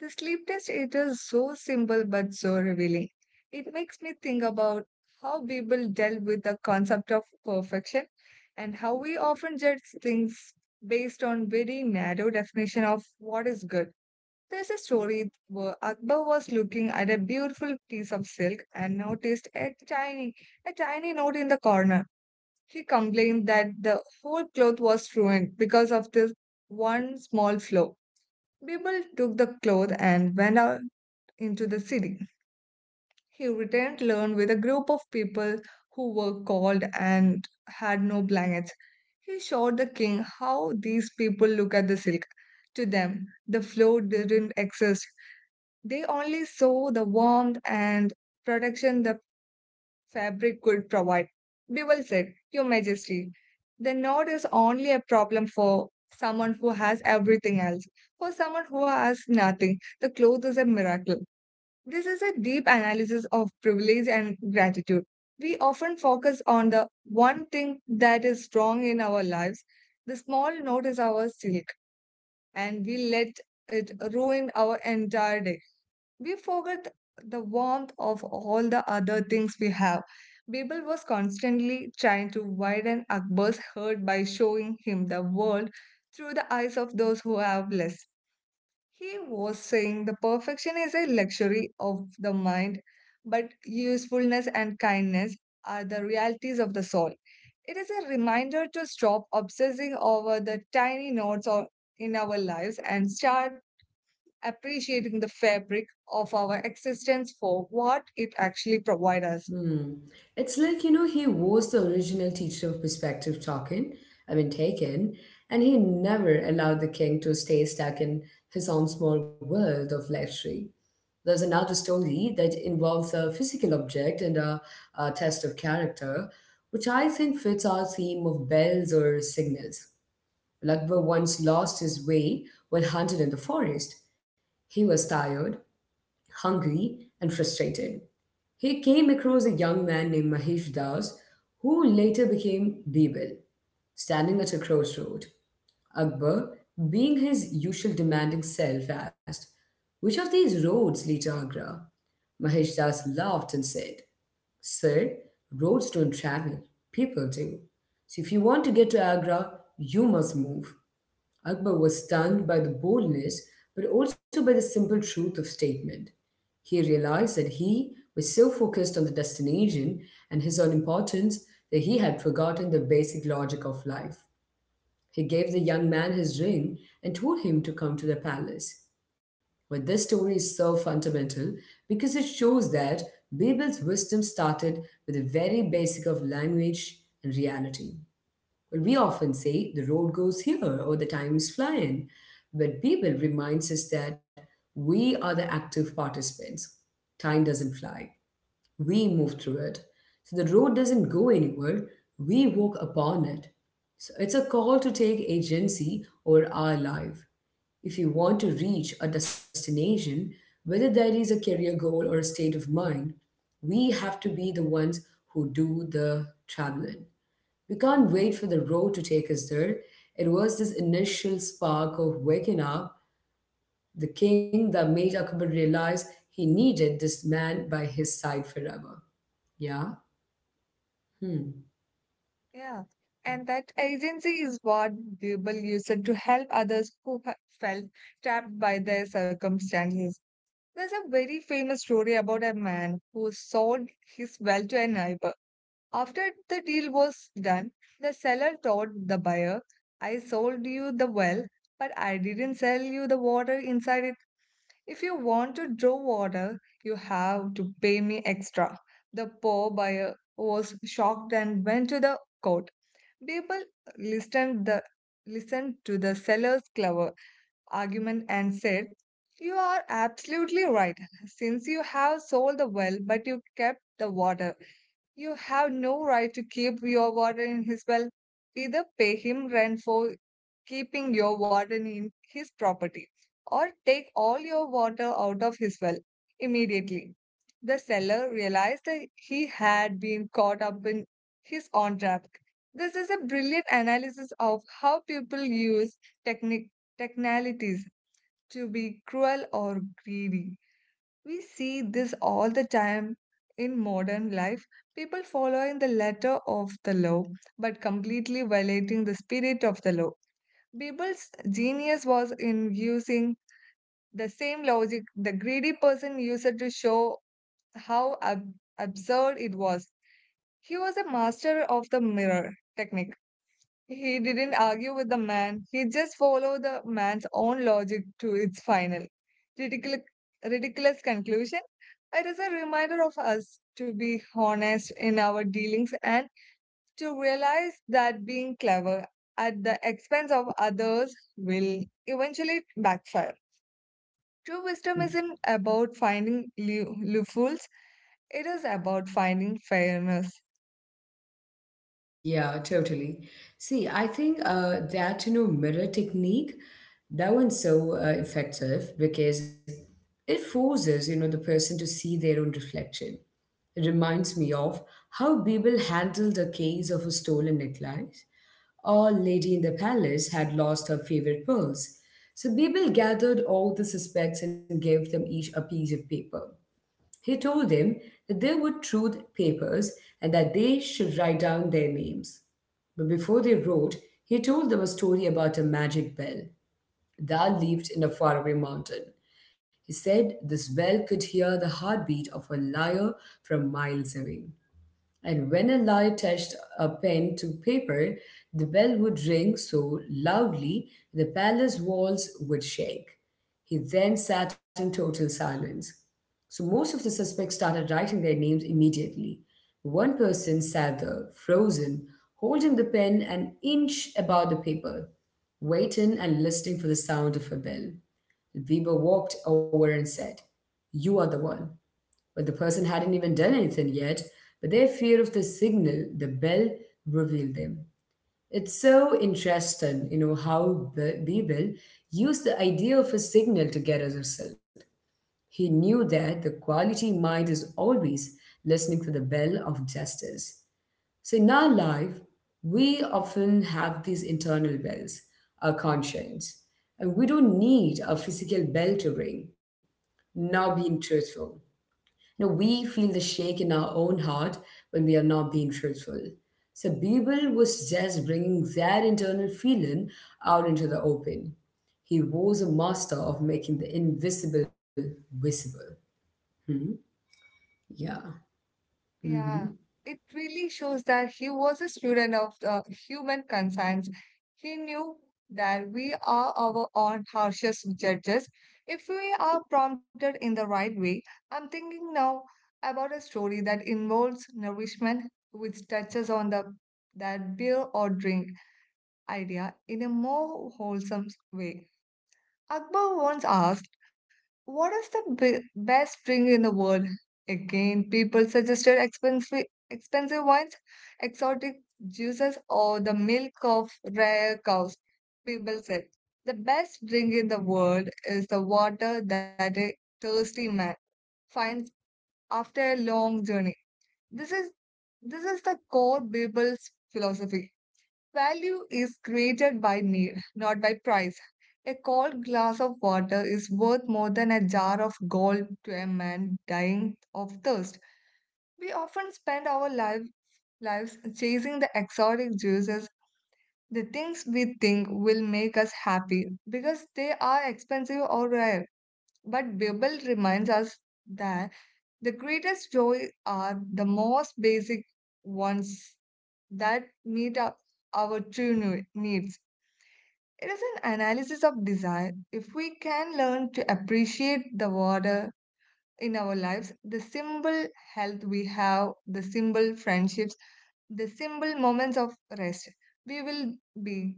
S2: The sleep test, it is so simple but so revealing. It makes me think about how Bible dealt with the concept of perfection and how we often judge things based on very narrow definition of what is good. There's a story where Akbar was looking at a beautiful piece of silk and noticed a tiny note in the corner. He complained that the whole cloth was ruined because of this one small flaw. Bibel took the cloth and went out into the city. He returned alone with a group of people who were cold and had no blankets. He showed the king how these people look at the silk. To them, the flow didn't exist. They only saw the warmth and protection the fabric could provide. Bewell said, "Your Majesty, the knot is only a problem for someone who has everything else. For someone who has nothing, the cloth is a miracle." This is a deep analysis of privilege and gratitude. We often focus on the one thing that is wrong in our lives. The small knot is our silk, and we let it ruin our entire day. We forget the warmth of all the other things we have. Bibel was constantly trying to widen Akbar's hurt by showing him the world through the eyes of those who have less. He was saying the perfection is a luxury of the mind, but usefulness and kindness are the realities of the soul. It is a reminder to stop obsessing over the tiny notes or in our lives and start appreciating the fabric of our existence for what it actually provides us.
S1: Hmm. It's like, you know, he was the original teacher of perspective talking, I mean, taken, and he never allowed the king to stay stuck in his own small world of lecturing. There's another story that involves a physical object and a test of character, which I think fits our theme of bells or signals. Lagva once lost his way while hunted in the forest. He was tired, hungry, and frustrated. He came across a young man named Mahesh Das, who later became Birbal, standing at a crossroad. Akbar, being his usual demanding self, asked, which of these roads lead to Agra? Mahesh Das laughed and said, sir, roads don't travel, people do. So if you want to get to Agra, you must move. Akbar was stunned by the boldness, but also by the simple truth of statement. He realized that he was so focused on the destination and his own importance that he had forgotten the basic logic of life. He gave the young man his ring and told him to come to the palace. But this story is so fundamental because it shows that Bibel's wisdom started with the very basic of language and reality. Well, we often say the road goes here or the time is flying, but Babel reminds us that we are the active participants. Time doesn't fly, we move through it. So the road doesn't go anywhere, we walk upon it. So it's a call to take agency over our life. If you want to reach a destination, whether that is a career goal or a state of mind, we have to be the ones who do the traveling. We can't wait for the road to take us there. It was this initial spark of waking up the king that made Akbar realize he needed this man by his side forever. Yeah? Hmm.
S2: Yeah. And that agency is what Bible used to help others who felt trapped by their circumstances. There's a very famous story about a man who sold his well to a neighbor. After the deal was done, the seller told the buyer, "I sold you the well, but I didn't sell you the water inside it. If you want to draw water, you have to pay me extra." The poor buyer was shocked and went to the court. People listened the listened to the seller's clever argument and said, "You are absolutely right. Since you have sold the well but you kept the water, you have no right to keep your warden in his well. Either pay him rent for keeping your warden in his property or take all your water out of his well immediately." The seller realized that he had been caught up in his own trap. This is a brilliant analysis of how people use technic- technicalities to be cruel or greedy. We see this all the time in modern life. People following the letter of the law but completely violating the spirit of the law. Bibel's genius was in using the same logic the greedy person used to show how absurd it was. He was a master of the mirror technique. He didn't argue with the man, he just followed the man's own logic to its final ridiculous, ridiculous conclusion. It is a reminder of us to be honest in our dealings and to realize that being clever at the expense of others will eventually backfire. True wisdom isn't about finding loopholes, it is about finding fairness.
S1: Yeah, totally. See, I think that mirror technique, that one's so effective because it forces the person to see their own reflection. Reminds me of how Bebel handled the case of a stolen necklace. A lady in the palace had lost her favorite pearls, so Bebel gathered all the suspects and gave them each a piece of paper. He told them that they were truth papers and that they should write down their names. But before they wrote, he told them a story about a magic bell that lived in a faraway mountain. He said this well could hear the heartbeat of a lyre from miles away, and when a light touched a pen to paper, the bell would ring so loudly the palace walls would shake. He then sat in total silence. So most of the suspects started writing their names immediately. One person sat there, frozen, holding the pen an inch above the paper, waiting and listening for the sound of a bell. Weber walked over and said, you are the one. But the person hadn't even done anything yet, but their fear of the signal, the bell, revealed them. It's so interesting, you know, how Bebel used the idea of a signal to get a result. He knew that the quality mind is always listening for the bell of justice. So in our life, we often have these internal bells, our conscience, and we don't need a physical bell to ring, now being truthful. You know, we feel the shake in our own heart when we are not being truthful. So Bibel was just bringing that internal feeling out into the open. He was a master of making the invisible visible. Hmm? Yeah.
S2: Yeah,
S1: hmm
S2: it really shows that he was a student of the human conscience. He knew that we are our own harshest judges if we are prompted in the right way. I'm thinking now about a story that involves nourishment, which touches on the that beer or drink idea in a more wholesome way. Akbar once asked, "What is the best drink in the world?" Again, people suggested expensive wines, exotic juices, or the milk of rare cows. People said the best drink in the world is the water that a thirsty man finds after a long journey. This is this is the core people's philosophy. Value is created by need, not by price. A cold glass of water is worth more than a jar of gold to a man dying of thirst. We often spend our lives chasing the exotic juices, the things we think will make us happy, because they are expensive or rare. But Bible reminds us that the greatest joy are the most basic ones that meet our true needs. It is an analysis of desire. If we can learn to appreciate the water in our lives, the simple health we have, the simple friendships, the simple moments of rest, we will be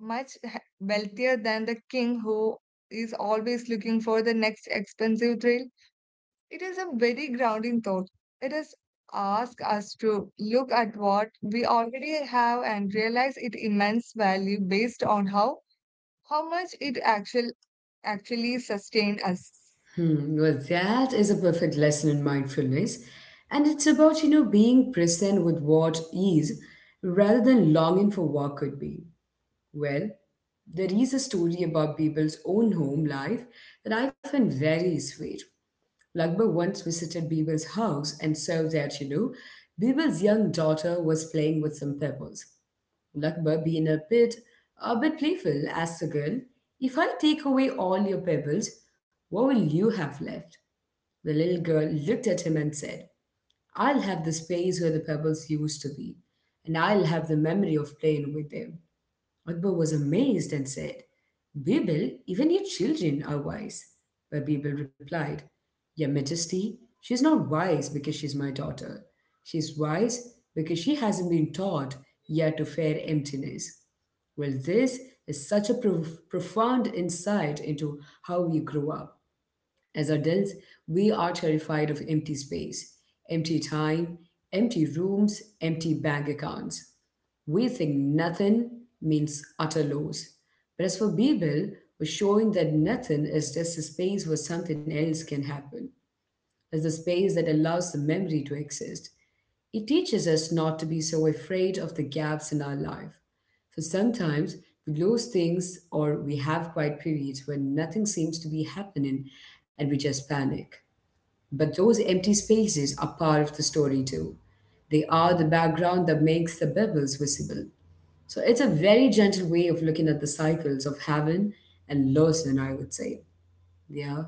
S2: much wealthier than the king who is always looking for the next expensive thrill. It is a very grounding thought. It is ask us to look at what we already have and realize its immense value based on how much it actually sustained us.
S1: Hmm. Well, that is a perfect lesson in mindfulness. And it's about, you know, being present with what is rather than longing for what could be. Well, there is a story about Bibal's own home life that I find very sweet. Lagba once visited Bibal's house and saw that, you know, Bibal's young daughter was playing with some pebbles. Lagba, being a bit playful, asked the girl, if I take away all your pebbles, what will you have left? The little girl looked at him and said, I'll have the space where the pebbles used to be, and I'll have the memory of playing with them. Akbar was amazed and said, Bibil, even your children are wise. But Bibil replied, your Majesty, she is not wise because she is my daughter. She is wise because she hasn't been taught yet to fear emptiness. Well, this is such a profound insight into how we grow up. As adults, we are terrified of empty space, empty time, empty rooms, empty bank accounts. We think nothing means utter loss. But as for Bible, we're showing that nothing is just a space where something else can happen. It's a space that allows the memory to exist. It teaches us not to be so afraid of the gaps in our life. For sometimes we lose things or we have quiet periods when nothing seems to be happening and we just panic. But those empty spaces are part of the story too. They are the background that makes the bubbles visible. So it's a very gentle way of looking at the cycles of heaven and loss, and I would say. Yeah.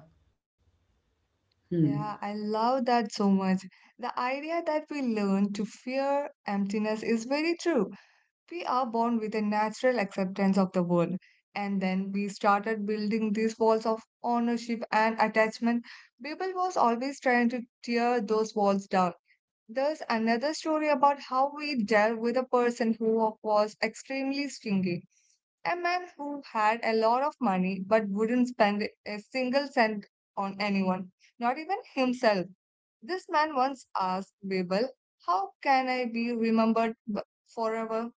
S1: Hmm.
S2: Yeah, I love that so much. The idea that we learn to fear emptiness is very true. We are born with a natural acceptance of the world. And then we started building these walls of ownership and attachment. People was always trying to tear those walls down. There's another story about how we dealt with a person who was extremely stingy. A man who had a lot of money but wouldn't spend a single cent on anyone, not even himself. This man once asked Babel, "How can I be remembered forever?"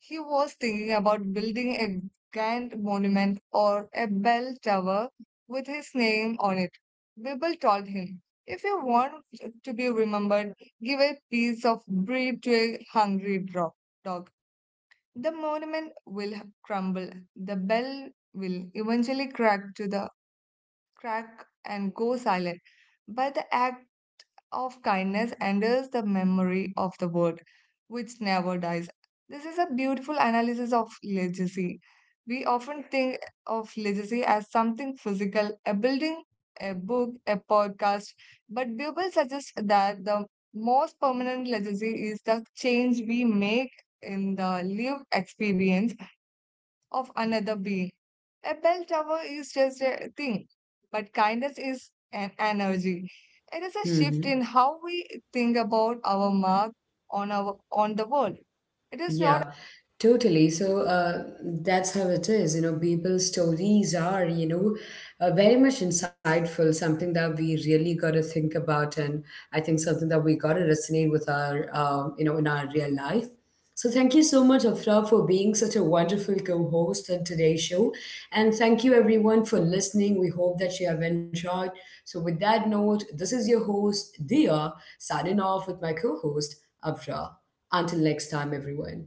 S2: He was thinking about building a grand monument or a bell tower with his name on it. Babel told him, "If you want to be remembered, give a piece of bread to a hungry dog. The monument will crumble. The bell will eventually crack to the crack and go silent. But the act of kindness enters the memory of the world, which never dies." This is a beautiful analysis of legacy. We often think of legacy as something physical, a building, a book, a podcast, but Buble suggests that the most permanent legacy is the change we make in the lived experience of another being. A bell tower is just a thing, but kindness is an energy. It is a
S1: hmm
S2: shift in
S1: hmm.
S2: how we think about our mark on our on the world. It is
S1: Yeah,
S2: not
S1: totally. So that's how it is. You know, people's stories are, you know, very much insightful, something that we really got to think about. And I think something that we got to resonate with our, you know, in our real life. So thank you so much, Afra, for being such a wonderful co host on today's show. And thank you everyone for listening. We hope that you have enjoyed. So, with that note, this is your host, Dia, signing off with my co host, Avra. Until next time, everyone.